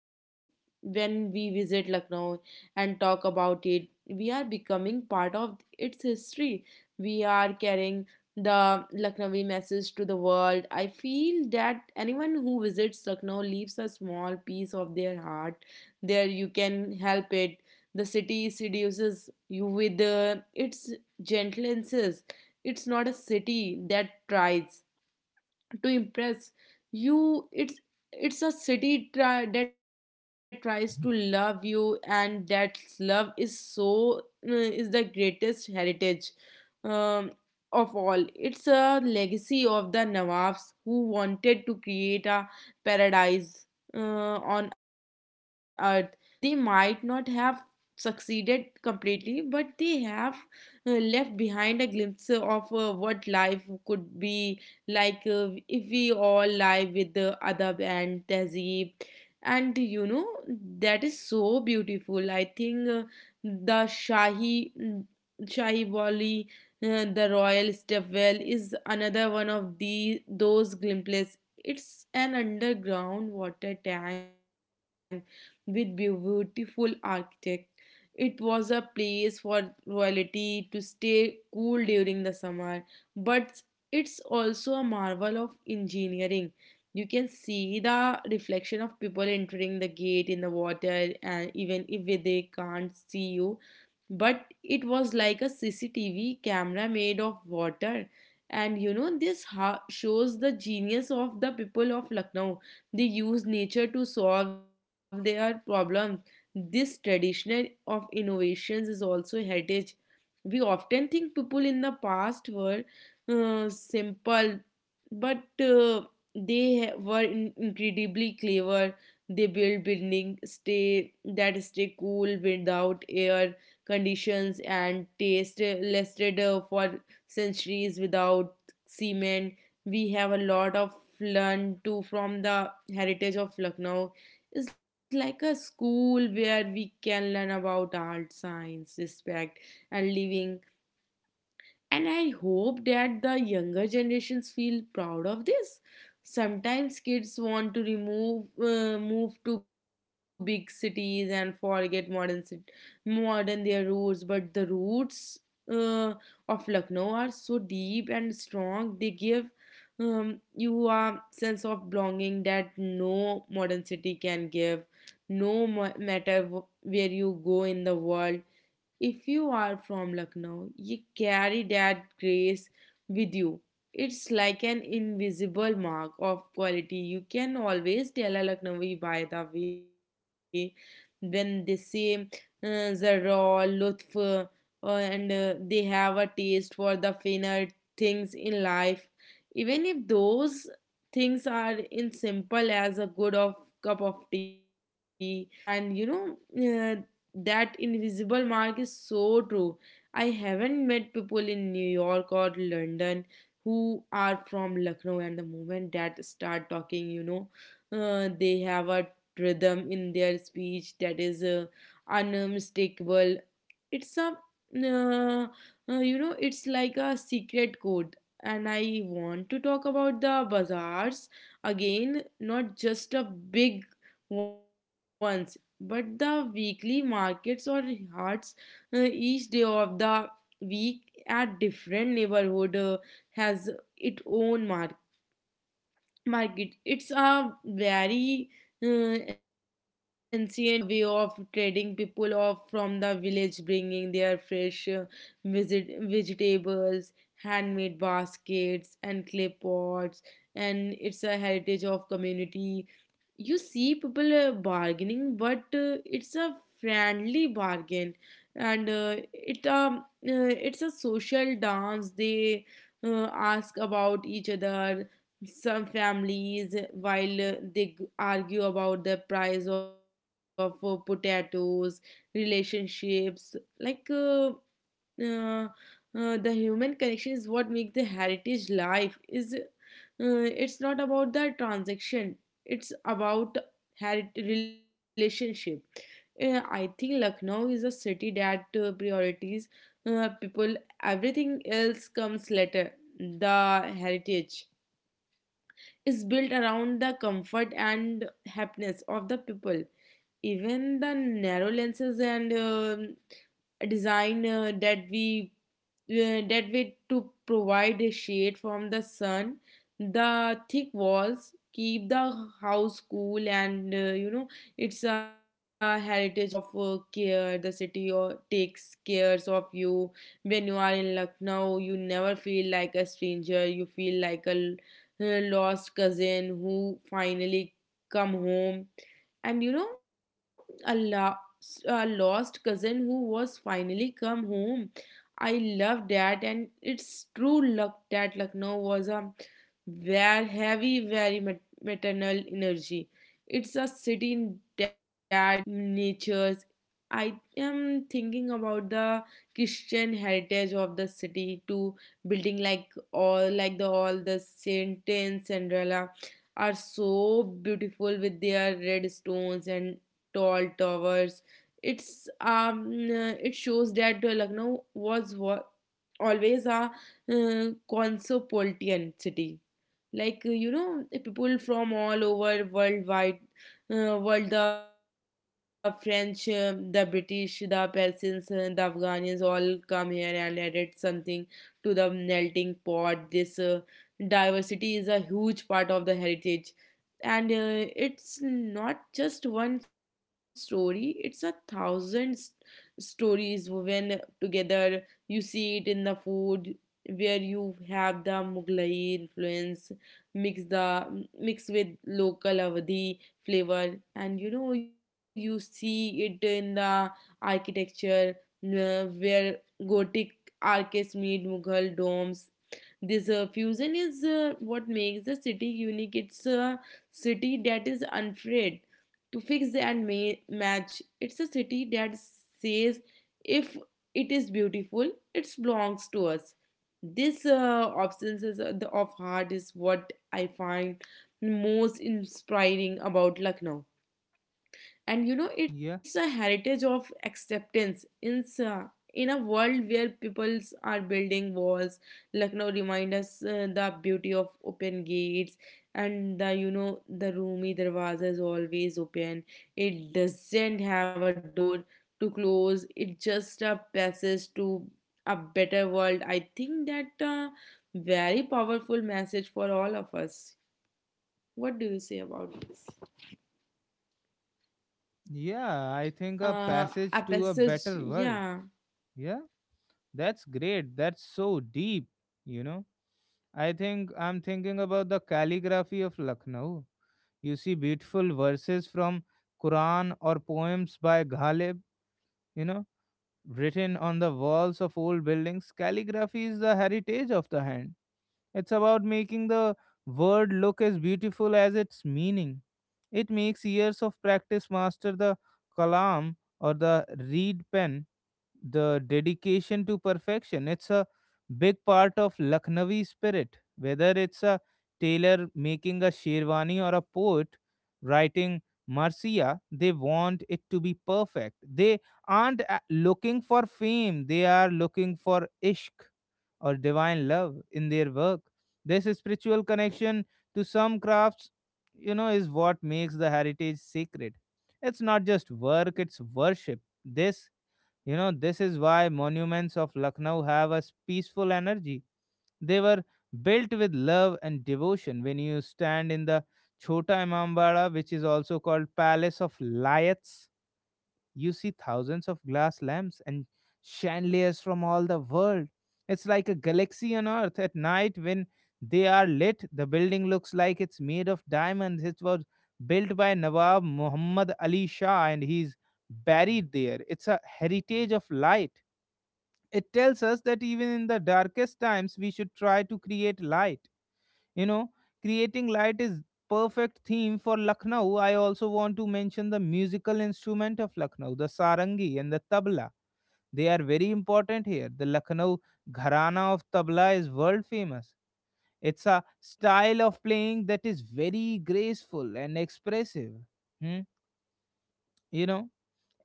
Speaker 2: When we visit lucknow and talk about it, we are becoming part of its history. We are carrying the Lucknowi message to the world. I feel that anyone who visits Lucknow leaves a small piece of their heart. There you can help it. The city seduces you with uh, its gentleness. It's not a city that tries to impress you. It's it's a city try, that tries to love you, and that love is so, uh, is the greatest heritage um, of all. It's a legacy of the nawabs who wanted to create a paradise uh, on earth. They might not have succeeded completely, but they have uh, left behind a glimpse of uh, what life could be like uh, if we all live with the adab and tehzeeb. And you know, that is so beautiful. I think, uh, the shahi shahi wali uh, the royal stepwell is another one of the those glimpses. It's an underground water tank with beautiful architect. It was a place for royalty to stay cool during the summer, but it's also a marvel of engineering. You can see the reflection of people entering the gate in the water, and even if they can't see you. But it was like a C C T V camera made of water. And you know, this ho- shows the genius of the people of Lucknow. They use nature to solve their problems. This tradition of innovations is also heritage. We often think people in the past were uh, simple, but uh, they ha- were in- incredibly clever. They built buildings stay that stay cool without air conditions, and taste lasted uh, for centuries without cement. We have a lot of learn too from the heritage of Lucknow. It's like a school where we can learn about art, science, respect, and living. And I hope that the younger generations feel proud of this. Sometimes kids want to remove uh, move to big cities and forget modern cit- modern their roots, but the roots uh, of Lucknow are so deep and strong. They give, um, you a sense of belonging that no modern city can give. No ma- matter wh- where you go in the world, if you are from Lucknow, you carry that grace with you. It's like an invisible mark of quality. You can always tell a Lucknowi by the way when they say, uh, Zara, Lutf, uh, and uh, they have a taste for the finer things in life. Even if those things are in simple as a good of cup of tea. And you know, uh, that invisible mark is so true. I haven't met people in New York or London who are from Lucknow, and the moment that start talking, you know, uh, they have a rhythm in their speech that is, uh, unmistakable. It's a, uh, uh, you know, it's like a secret code. And I want to talk about the bazaars again, not just a big ones but the weekly markets or hearts uh, each day of the week at different neighborhood uh, has its own mark- market. It's a very uh, ancient uh, way of trading, people off from the village bringing their fresh uh, visit vegetables, handmade baskets and clay pots. And it's a heritage of community. You see people uh, bargaining, but uh, it's a friendly bargain. And uh, it um uh, it's a social dance. They uh, ask about each other, some families, while uh, they g- argue about the price of uh, potatoes. Relationships, like uh, uh, uh, the human connection is what makes the heritage life. Is uh, it's not about the transaction, it's about heritage relationship. Uh, I think Lucknow is a city that uh, priorities uh, people. Everything else comes later. The heritage is built around the comfort and happiness of the people. Even the narrow lenses and um design uh, that we uh, that way to provide a shade from the sun. The thick walls keep the house cool, and uh, you know, it's a heritage of uh, care. The city or takes cares of you. When you are in Lucknow, you never feel like a stranger. You feel like a uh, lost cousin who finally come home, and you know, a, lo- a lost cousin who was finally come home. I love that, and it's true luck that Lucknow was a very heavy, very mat- maternal energy. It's a city in that natures. I am thinking about the Christian heritage of the city too. Building like all, like the all the Saint and Cinderella, are so beautiful with their red stones and tall towers. It's um uh, it shows that uh, Lucknow was wa- always a uh, cosmopolitan city. Like uh, you know, people from all over worldwide, uh, world, the French, uh, the British, the Persians, uh, the Afghans all come here and added something to the melting pot. This uh, diversity is a huge part of the heritage. And uh, it's not just one story, it's a thousand s- stories woven together. You see it in the food, where you have the Mughlai influence mix the mix with local Awadhi flavor. And you know, you see it in the architecture, uh, where Gothic arches meet Mughal domes. This uh, fusion is uh, what makes the city unique. It's a city that is unafraid to fix and ma- match. It's a city that says if it is beautiful, it belongs to us. This uh, absence is- of heart is what I find most inspiring about Lucknow. And you know, it's a
Speaker 1: Yeah.
Speaker 2: heritage of acceptance in s- uh, in a world where peoples are building walls, Lucknow reminds us uh, the beauty of open gates. And the, you know, the roomy darwaza is always open. It doesn't have a door to close, it just a passage to a better world. I think that uh, very powerful message for all of us. What do you say about this?
Speaker 1: Yeah, I think a
Speaker 2: uh, a
Speaker 1: passage to a
Speaker 2: passage.
Speaker 1: better world.
Speaker 2: Yeah.
Speaker 1: Yeah, that's great. That's so deep, you know. I think I'm thinking about the calligraphy of Lucknow. You see beautiful verses from Quran or poems by Ghalib, you know, written on the walls of old buildings. Calligraphy is the heritage of the hand. It's about making the word look as beautiful as its meaning. It makes years of practice master the kalam or the reed pen, the dedication to perfection. It's a big part of Lucknowi spirit, whether it's a tailor making a sherwani or a poet writing marcia. They want it to be perfect. They aren't a- looking for fame, they are looking for ishq or divine love in their work. This spiritual connection to some crafts, you know, is what makes the heritage sacred. It's not just work, it's worship. This, you know, this is why monuments of Lucknow have a peaceful energy. They were built with love and devotion. When you stand in the Chota Imambara, which is also called Palace of Lights, you see thousands of glass lamps and chandeliers from all the world. It's like a galaxy on Earth. At night, when they are lit, the building looks like it's made of diamonds. It was built by Nawab Muhammad Ali Shah and he's buried there. It's a heritage of light. It tells us that even in the darkest times, we should try to create light. You know, creating light is perfect theme for Lucknow. I also want to mention the musical instrument of Lucknow, the sarangi and the tabla. They are very important here. The Lucknow gharana of tabla is world famous. It's a style of playing that is very graceful and expressive. Hmm, you know,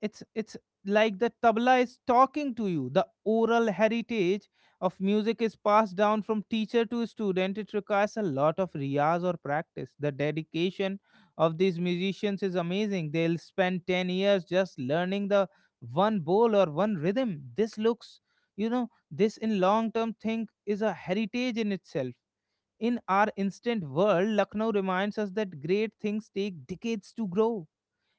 Speaker 1: it's it's like the tabla is talking to you. The oral heritage of music is passed down from teacher to student. It requires a lot of riyaz or practice. The dedication of these musicians is amazing. They'll spend ten years just learning the one bowl or one rhythm. This looks, you know, this in long term thing is a heritage in itself. In our instant world Lucknow reminds us that great things take decades to grow.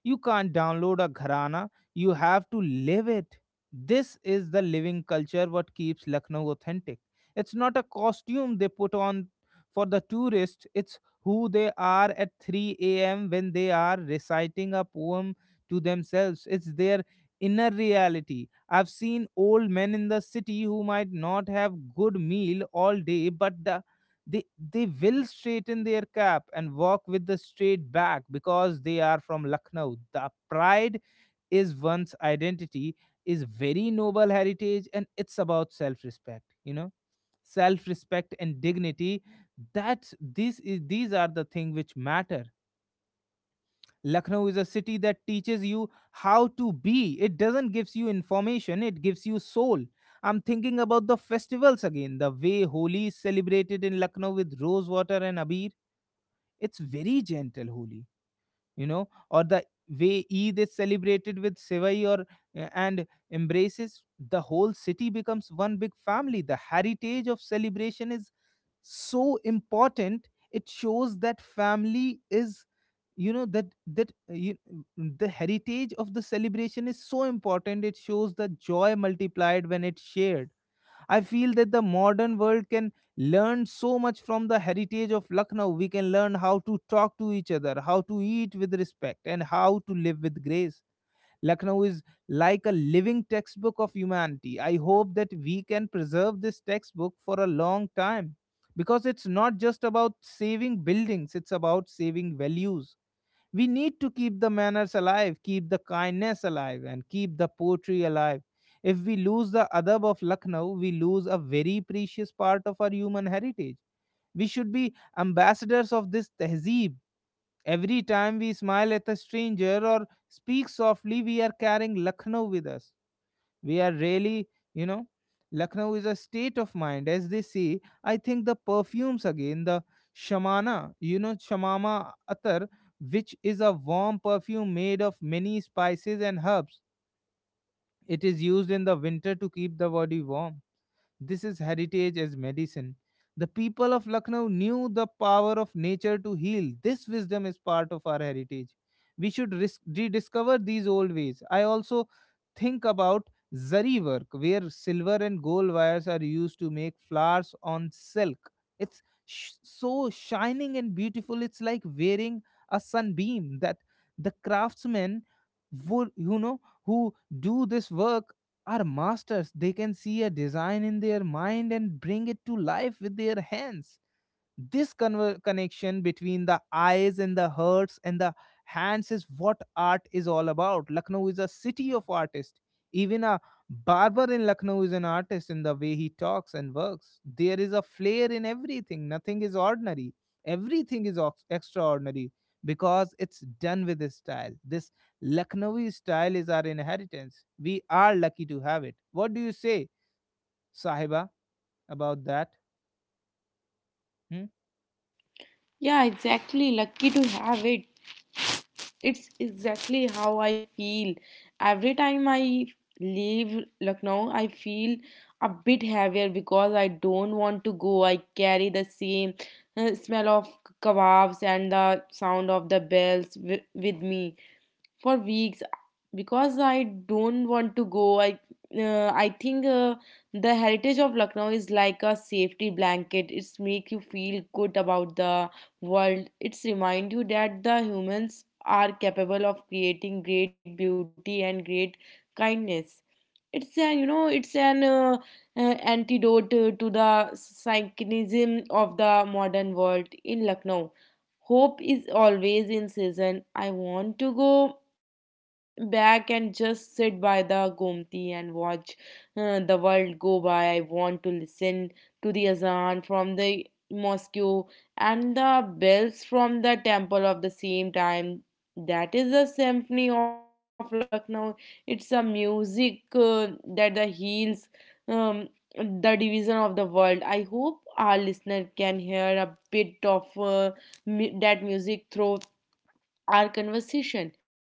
Speaker 1: You can't download a gharana, you have to live it. This is the living culture what keeps Lucknow authentic. It's not a costume they put on for the tourist, it's who they are at three a m when they are reciting a poem to themselves. It's their inner reality. I've seen old men in the city who might not have good meal all day, but the they they will straighten their cap and walk with the straight back because they are from Lucknow. The pride is one's identity is very noble heritage, and it's about self-respect, you know, self-respect and dignity. That this is these are the thing which matter. Lucknow is a city that teaches you how to be. It doesn't gives you information, it gives you soul. I'm thinking about the festivals again, the way Holi is celebrated in Lucknow with rose water and abir. It's very gentle Holi, you know, or the way Eid is celebrated with sevai or and embraces. The whole city becomes one big family. The heritage of celebration is so important. It shows that family is you know that that uh, you, mm, the heritage of the celebration is so important. It shows the joy multiplied when it's shared. I feel that the modern world can learn so much from the heritage of Lucknow. We can learn how to talk to each other, how to eat with respect, and how to live with grace. Lucknow is like a living textbook of humanity. I hope that we can preserve this textbook for a long time, because it's not just about saving buildings, it's about saving values. We need to keep the manners alive, keep the kindness alive, and keep the poetry alive. If we lose the adab of Lucknow, we lose a very precious part of our human heritage. We should be ambassadors of this tehzeeb. Every time we smile at a stranger or speak softly, we are carrying Lucknow with us. We are really, you know, Lucknow is a state of mind, as they say. I think the perfumes again, the Shamana, you know, Shamama Atar, which is a warm perfume made of many spices and herbs. It is used in the winter to keep the body warm. This is heritage as medicine. The people of Lucknow knew the power of nature to heal. This wisdom is part of our heritage. We should ris- rediscover these old ways. I also think about zari work, where silver and gold wires are used to make flowers on silk. It's sh- so shining and beautiful. It's like wearing a sunbeam that the craftsmen would, you know, who do this work are masters. They can see a design in their mind and bring it to life with their hands. This conver- connection between the eyes and the hearts and the hands is what art is all about. Lucknow is a city of artists. Even a barber in Lucknow is an artist in the way he talks and works. There is a flair in everything. Nothing is ordinary. Everything is ox- extraordinary because it's done with this style. This Lucknowi style is our inheritance. We are lucky to have it. What do you say, Sahiba, about that? Hmm?
Speaker 2: Yeah, exactly. Lucky to have it. It's exactly how I feel. Every time I leave Lucknow, I feel a bit heavier because I don't want to go. I carry the same uh, smell of kebabs and the sound of the bells wi- with me for weeks because I don't want to go. I uh, I think uh, the heritage of Lucknow is like a safety blanket. It's make you feel good about the world. It's remind you that the humans are capable of creating great beauty and great kindness. It's an, you know, it's an uh, uh, antidote uh, to the cynicism of the modern world. In Lucknow, hope is always in season. I want to go back and just sit by the Gomti and watch uh, the world go by. I want to listen to the azan from the mosque and the bells from the temple of the same time. That is the symphony of Lucknow. It's a music uh, that the heals um, the division of the world. I hope our listener can hear a bit of. Uh, mu- that music through our conversation.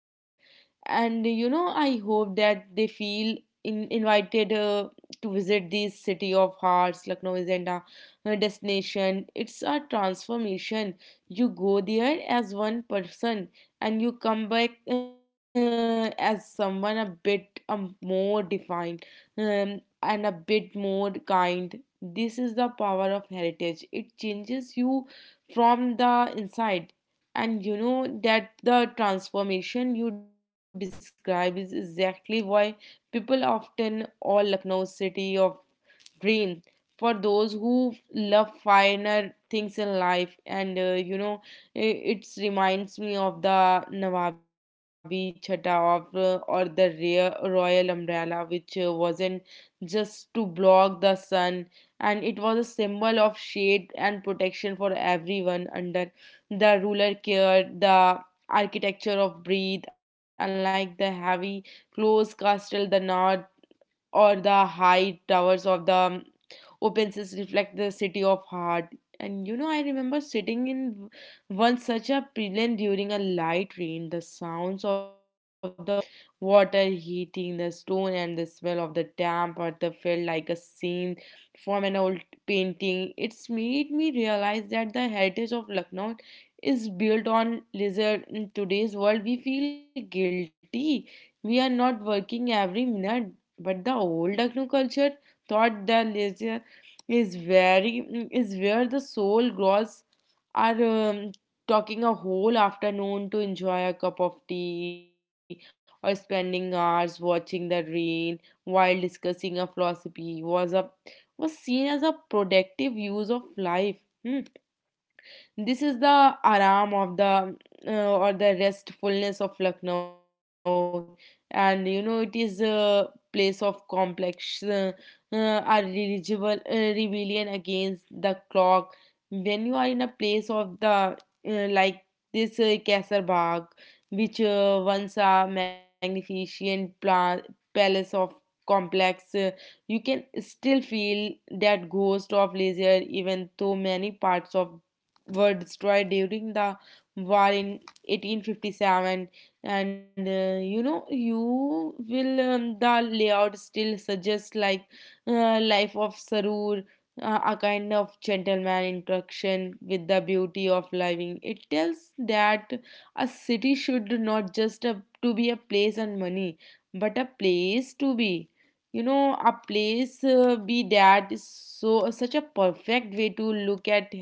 Speaker 2: And you know, I hope that they feel in, invited uh, to visit this city of hearts. Lucknow isn't a a destination, it's a transformation. You go there as one person and you come back uh, as someone a bit um, more defined um, and a bit more kind. This is the power of heritage, it changes you from the inside. And you know that the transformation you describe is exactly why people often all Lucknow city of dream, for those who love finer things in life. And uh, you know, i- it reminds me of the nawabi chata of, uh, or the rea- royal umbrella, which uh, wasn't just to block the sun, and it was a symbol of shade and protection for everyone under the ruler care. The architecture of breathe, unlike the heavy close castle the north or the high towers of the Opens, reflect the city of heart. And you know, I remember sitting in one such a pavilion during a light rain. The sounds of the water heating the stone and the smell of the damp earth felt like a scene from an old painting. It's made me realize that the heritage of Lucknow is built on lizard. In today's world we feel guilty we are not working every minute, but the old Lucknow culture thought the leisure is very, is where the soul grows. Are um, talking a whole afternoon to enjoy a cup of tea or spending hours watching the rain while discussing a philosophy was a, was seen as a productive use of life. Hmm. This is the aram of the uh, or the restfulness of Lucknow, and you know it is a place of complex, uh, uh, irreligible uh, rebellion against the clock. When you are in a place of the uh, like this uh, Kaisar Bagh, which uh, once a magnificent pla- palace of complex, uh, you can still feel that ghost of leisure, even though many parts of were destroyed during the war in eighteen fifty-seven. And uh, you know, you will um, the layout still suggests like uh, life of sarur, uh, a kind of gentleman interaction with the beauty of living. It tells that a city should not just a, to be a place and money, but a place to be, you know, a place uh, be. That is so such a perfect way to look at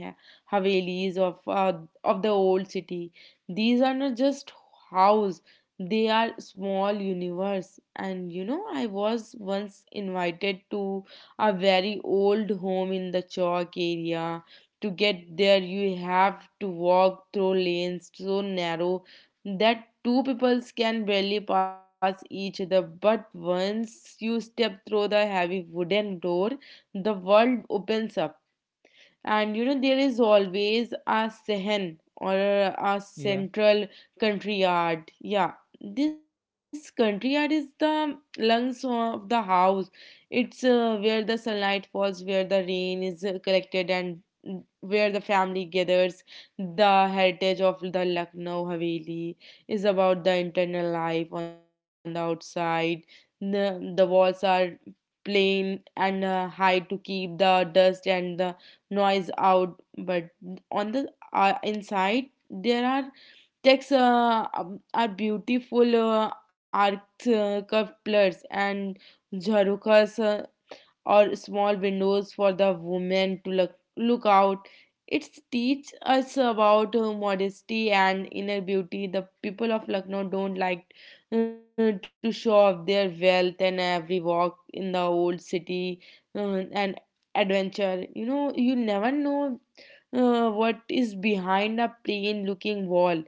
Speaker 2: Havelis of uh, of the old city. These are not just house; they are small universe. And you know, I was once invited to a very old home in the Chowk area. To get there, you have to walk through lanes so narrow that two peoples can barely pass each other. But once you step through the heavy wooden door, the world opens up. And you know, there is always a sehen or a
Speaker 1: Yeah.
Speaker 2: central country yard. Yeah, this country yard is the lungs of the house. It's uh, where the sunlight falls, where the rain is uh, collected, and where the family gathers. The heritage of the Lucknow haveli is about the internal life. On the outside the, the walls are plain and uh, high to keep the dust and the noise out, but on the uh, inside there are texts uh, um, are beautiful uh, art, uh, couplets and jharukas, or small windows for the women to look, look out. It teaches us about uh, modesty and inner beauty. The people of Lucknow don't like uh, to show off their wealth, and every walk in the old city uh, and adventure. You know, you never know uh, what is behind a plain looking wall.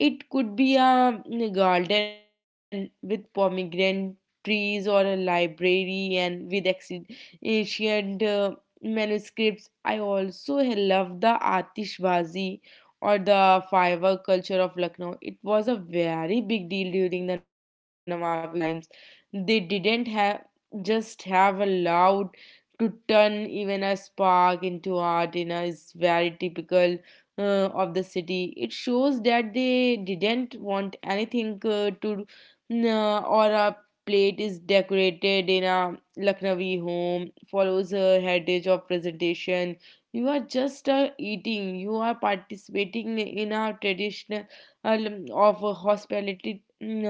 Speaker 2: It could be a mm, garden with pomegranate trees, or a library and with exi- ancient uh, manuscripts. I also love the Atishbazi, or the firework culture of Lucknow. It was a very big deal during the Nawabi times. They didn't have just have allowed to turn even a spark into art in a is very typical uh, of the city. It shows that they didn't want anything uh, to uh, or a plate is decorated in a Lucknowi home, follows a heritage of presentation. You are just uh, eating. You are participating in a traditional uh, of a hospitality.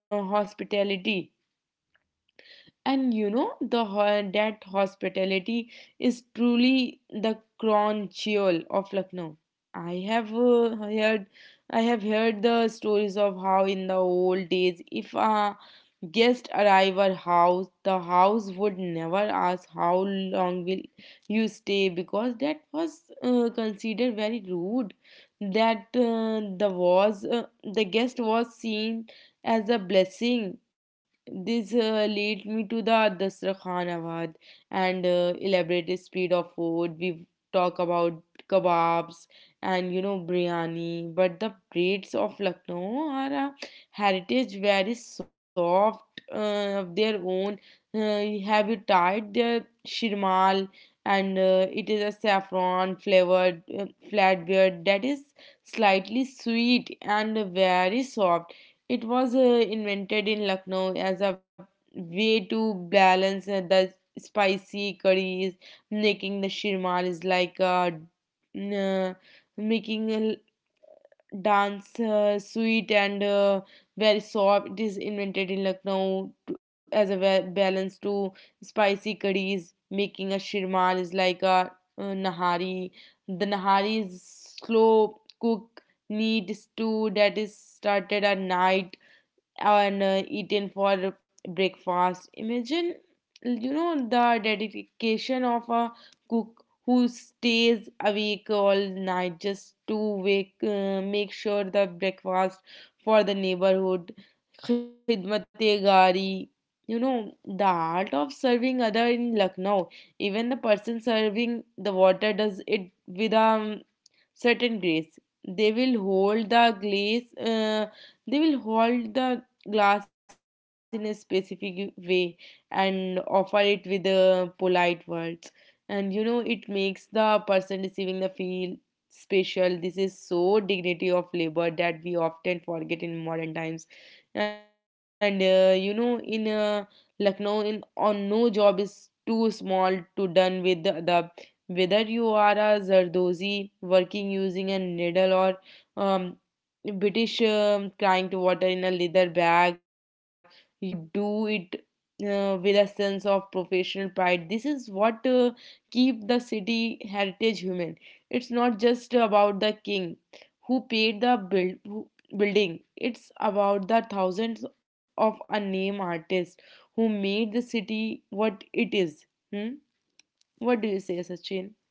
Speaker 2: No hospitality. And you know, the ho- that hospitality is truly the crown jewel of Lucknow. I have uh, heard, I have heard the stories of how in the old days, if a guest arrive at house, the house would never ask how long will you stay, because that was uh, considered very rude. That uh, the was uh, the guest was seen as a blessing. This uh, lead me to the Dasrakhan Awad and uh, elaborate speed of food. We talk about kebabs and, you know, biryani, but the plates of Lucknow are a heritage very soft uh, of their own. Uh, have you tried their shirmal? And uh, it is a saffron flavored uh, flatbread that is slightly sweet and very soft. It was uh, invented in Lucknow as a way to balance uh, the spicy curries. Making the shirmal is like a, uh, making a dance uh, sweet and uh, very soft. It is invented in Lucknow to, as a ba- balance to spicy curries. Making a shirmal is like a uh, nahari. The nahari is slow cook neat stew that is started at night and uh, eaten for breakfast. Imagine, you know, the dedication of a cook who stays awake all night just to wake, uh, make sure the breakfast for the neighborhood. Khidmate gari. You know, the art of serving other in Lucknow. Even the person serving the water does it with a certain grace. They will hold the glass. Uh, they will hold the glass in a specific way and offer it with uh, polite words. And you know, it makes the person receiving the feel special. This is so dignity of labor that we often forget in modern times. And uh, you know, in uh, Lucknow, in on no job is too small to done with the, the whether you are a Zardozi working using a needle or um, British um, crying to water in a leather bag, you do it uh, with a sense of professional pride. This is what uh, keep the city heritage human. It's not just about the king who paid the build who, building. It's about the thousands of unnamed artists who made the city what it is. Hmm? What do you say, Sachin?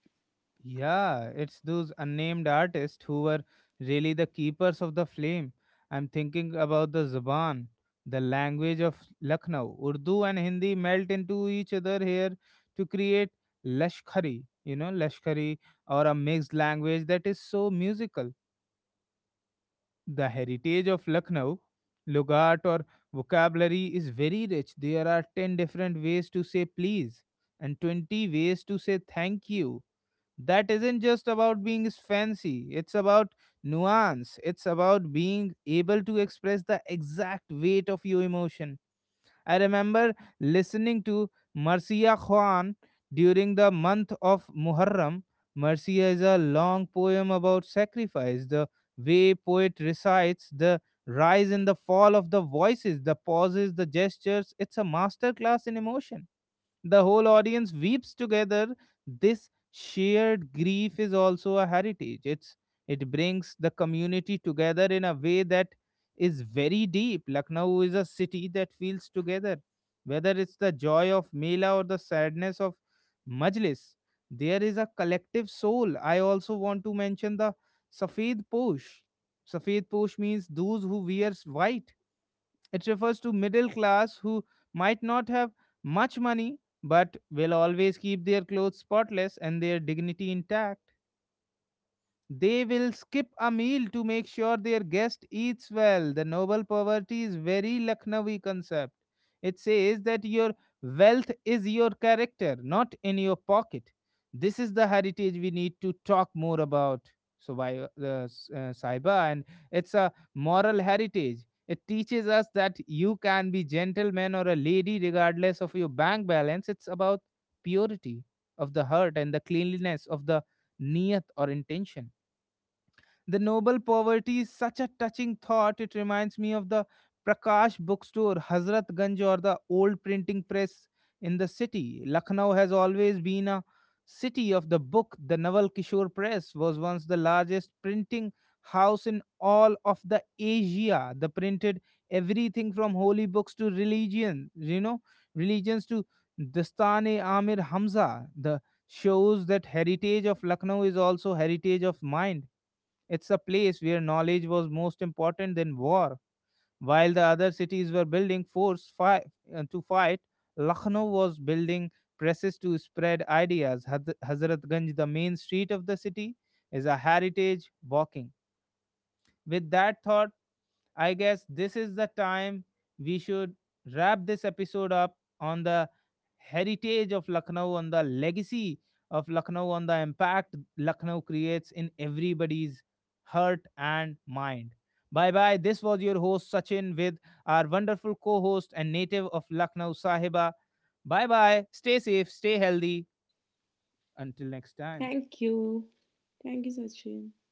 Speaker 1: Yeah, it's those unnamed artists who were really the keepers of the flame. I'm thinking about the Zaban, the language of Lucknow. Urdu and Hindi melt into each other here to create Lashkari, you know, Lashkari, or a mixed language that is so musical. The heritage of Lucknow, Lugat or vocabulary is very rich. There are ten different ways to say please and twenty ways to say thank you. That isn't just about being fancy. It's about nuance. It's about being able to express the exact weight of your emotion. I remember listening to Marcia Khan during the month of Muharram. Marcia is a long poem about sacrifice. The way poet recites, the rise and the fall of the voices, the pauses, the gestures, it's a masterclass in emotion. The whole audience weeps together. This shared grief is also a heritage. It's it brings the community together in a way that is very deep. Lucknow is a city that feels together. Whether it's the joy of Mela or the sadness of Majlis, there is a collective soul. I also want to mention the Safed Posh. Safed Posh means those who wears white. It refers to middle class who might not have much money but will always keep their clothes spotless and their dignity intact. They will skip a meal to make sure their guest eats well. The noble poverty is very Lucknowi concept. It says that your wealth is your character, not in your pocket. This is the heritage we need to talk more about. So, why uh, s- uh, Saiba, and it's a moral heritage. It teaches us that you can be gentleman or a lady regardless of your bank balance. It's about purity of the heart and the cleanliness of the niyat or intention. The noble poverty is such a touching thought. It reminds me of the Prakash bookstore, Hazrat Ganj, or the old printing press in the city. Lucknow has always been a city of the book. The Naval Kishore Press was once the largest printing house in all of the Asia. They printed everything from holy books to religion, you know, religions to Dastane Amir Hamza. The shows that heritage of Lucknow is also heritage of mind. It's a place where knowledge was most important than war. While the other cities were building force fi- uh, to fight, Lucknow was building presses to spread ideas. Haz- Hazratganj, the main street of the city, is a heritage walking. With that thought, I guess this is the time we should wrap this episode up on the heritage of Lucknow, on the legacy of Lucknow, on the impact Lucknow creates in everybody's heart and mind. Bye bye. This was your host Sachin with our wonderful co host and native of Lucknow, Sahiba. Bye bye. Stay safe, stay healthy. Until next time.
Speaker 2: Thank you. Thank you, Sachin.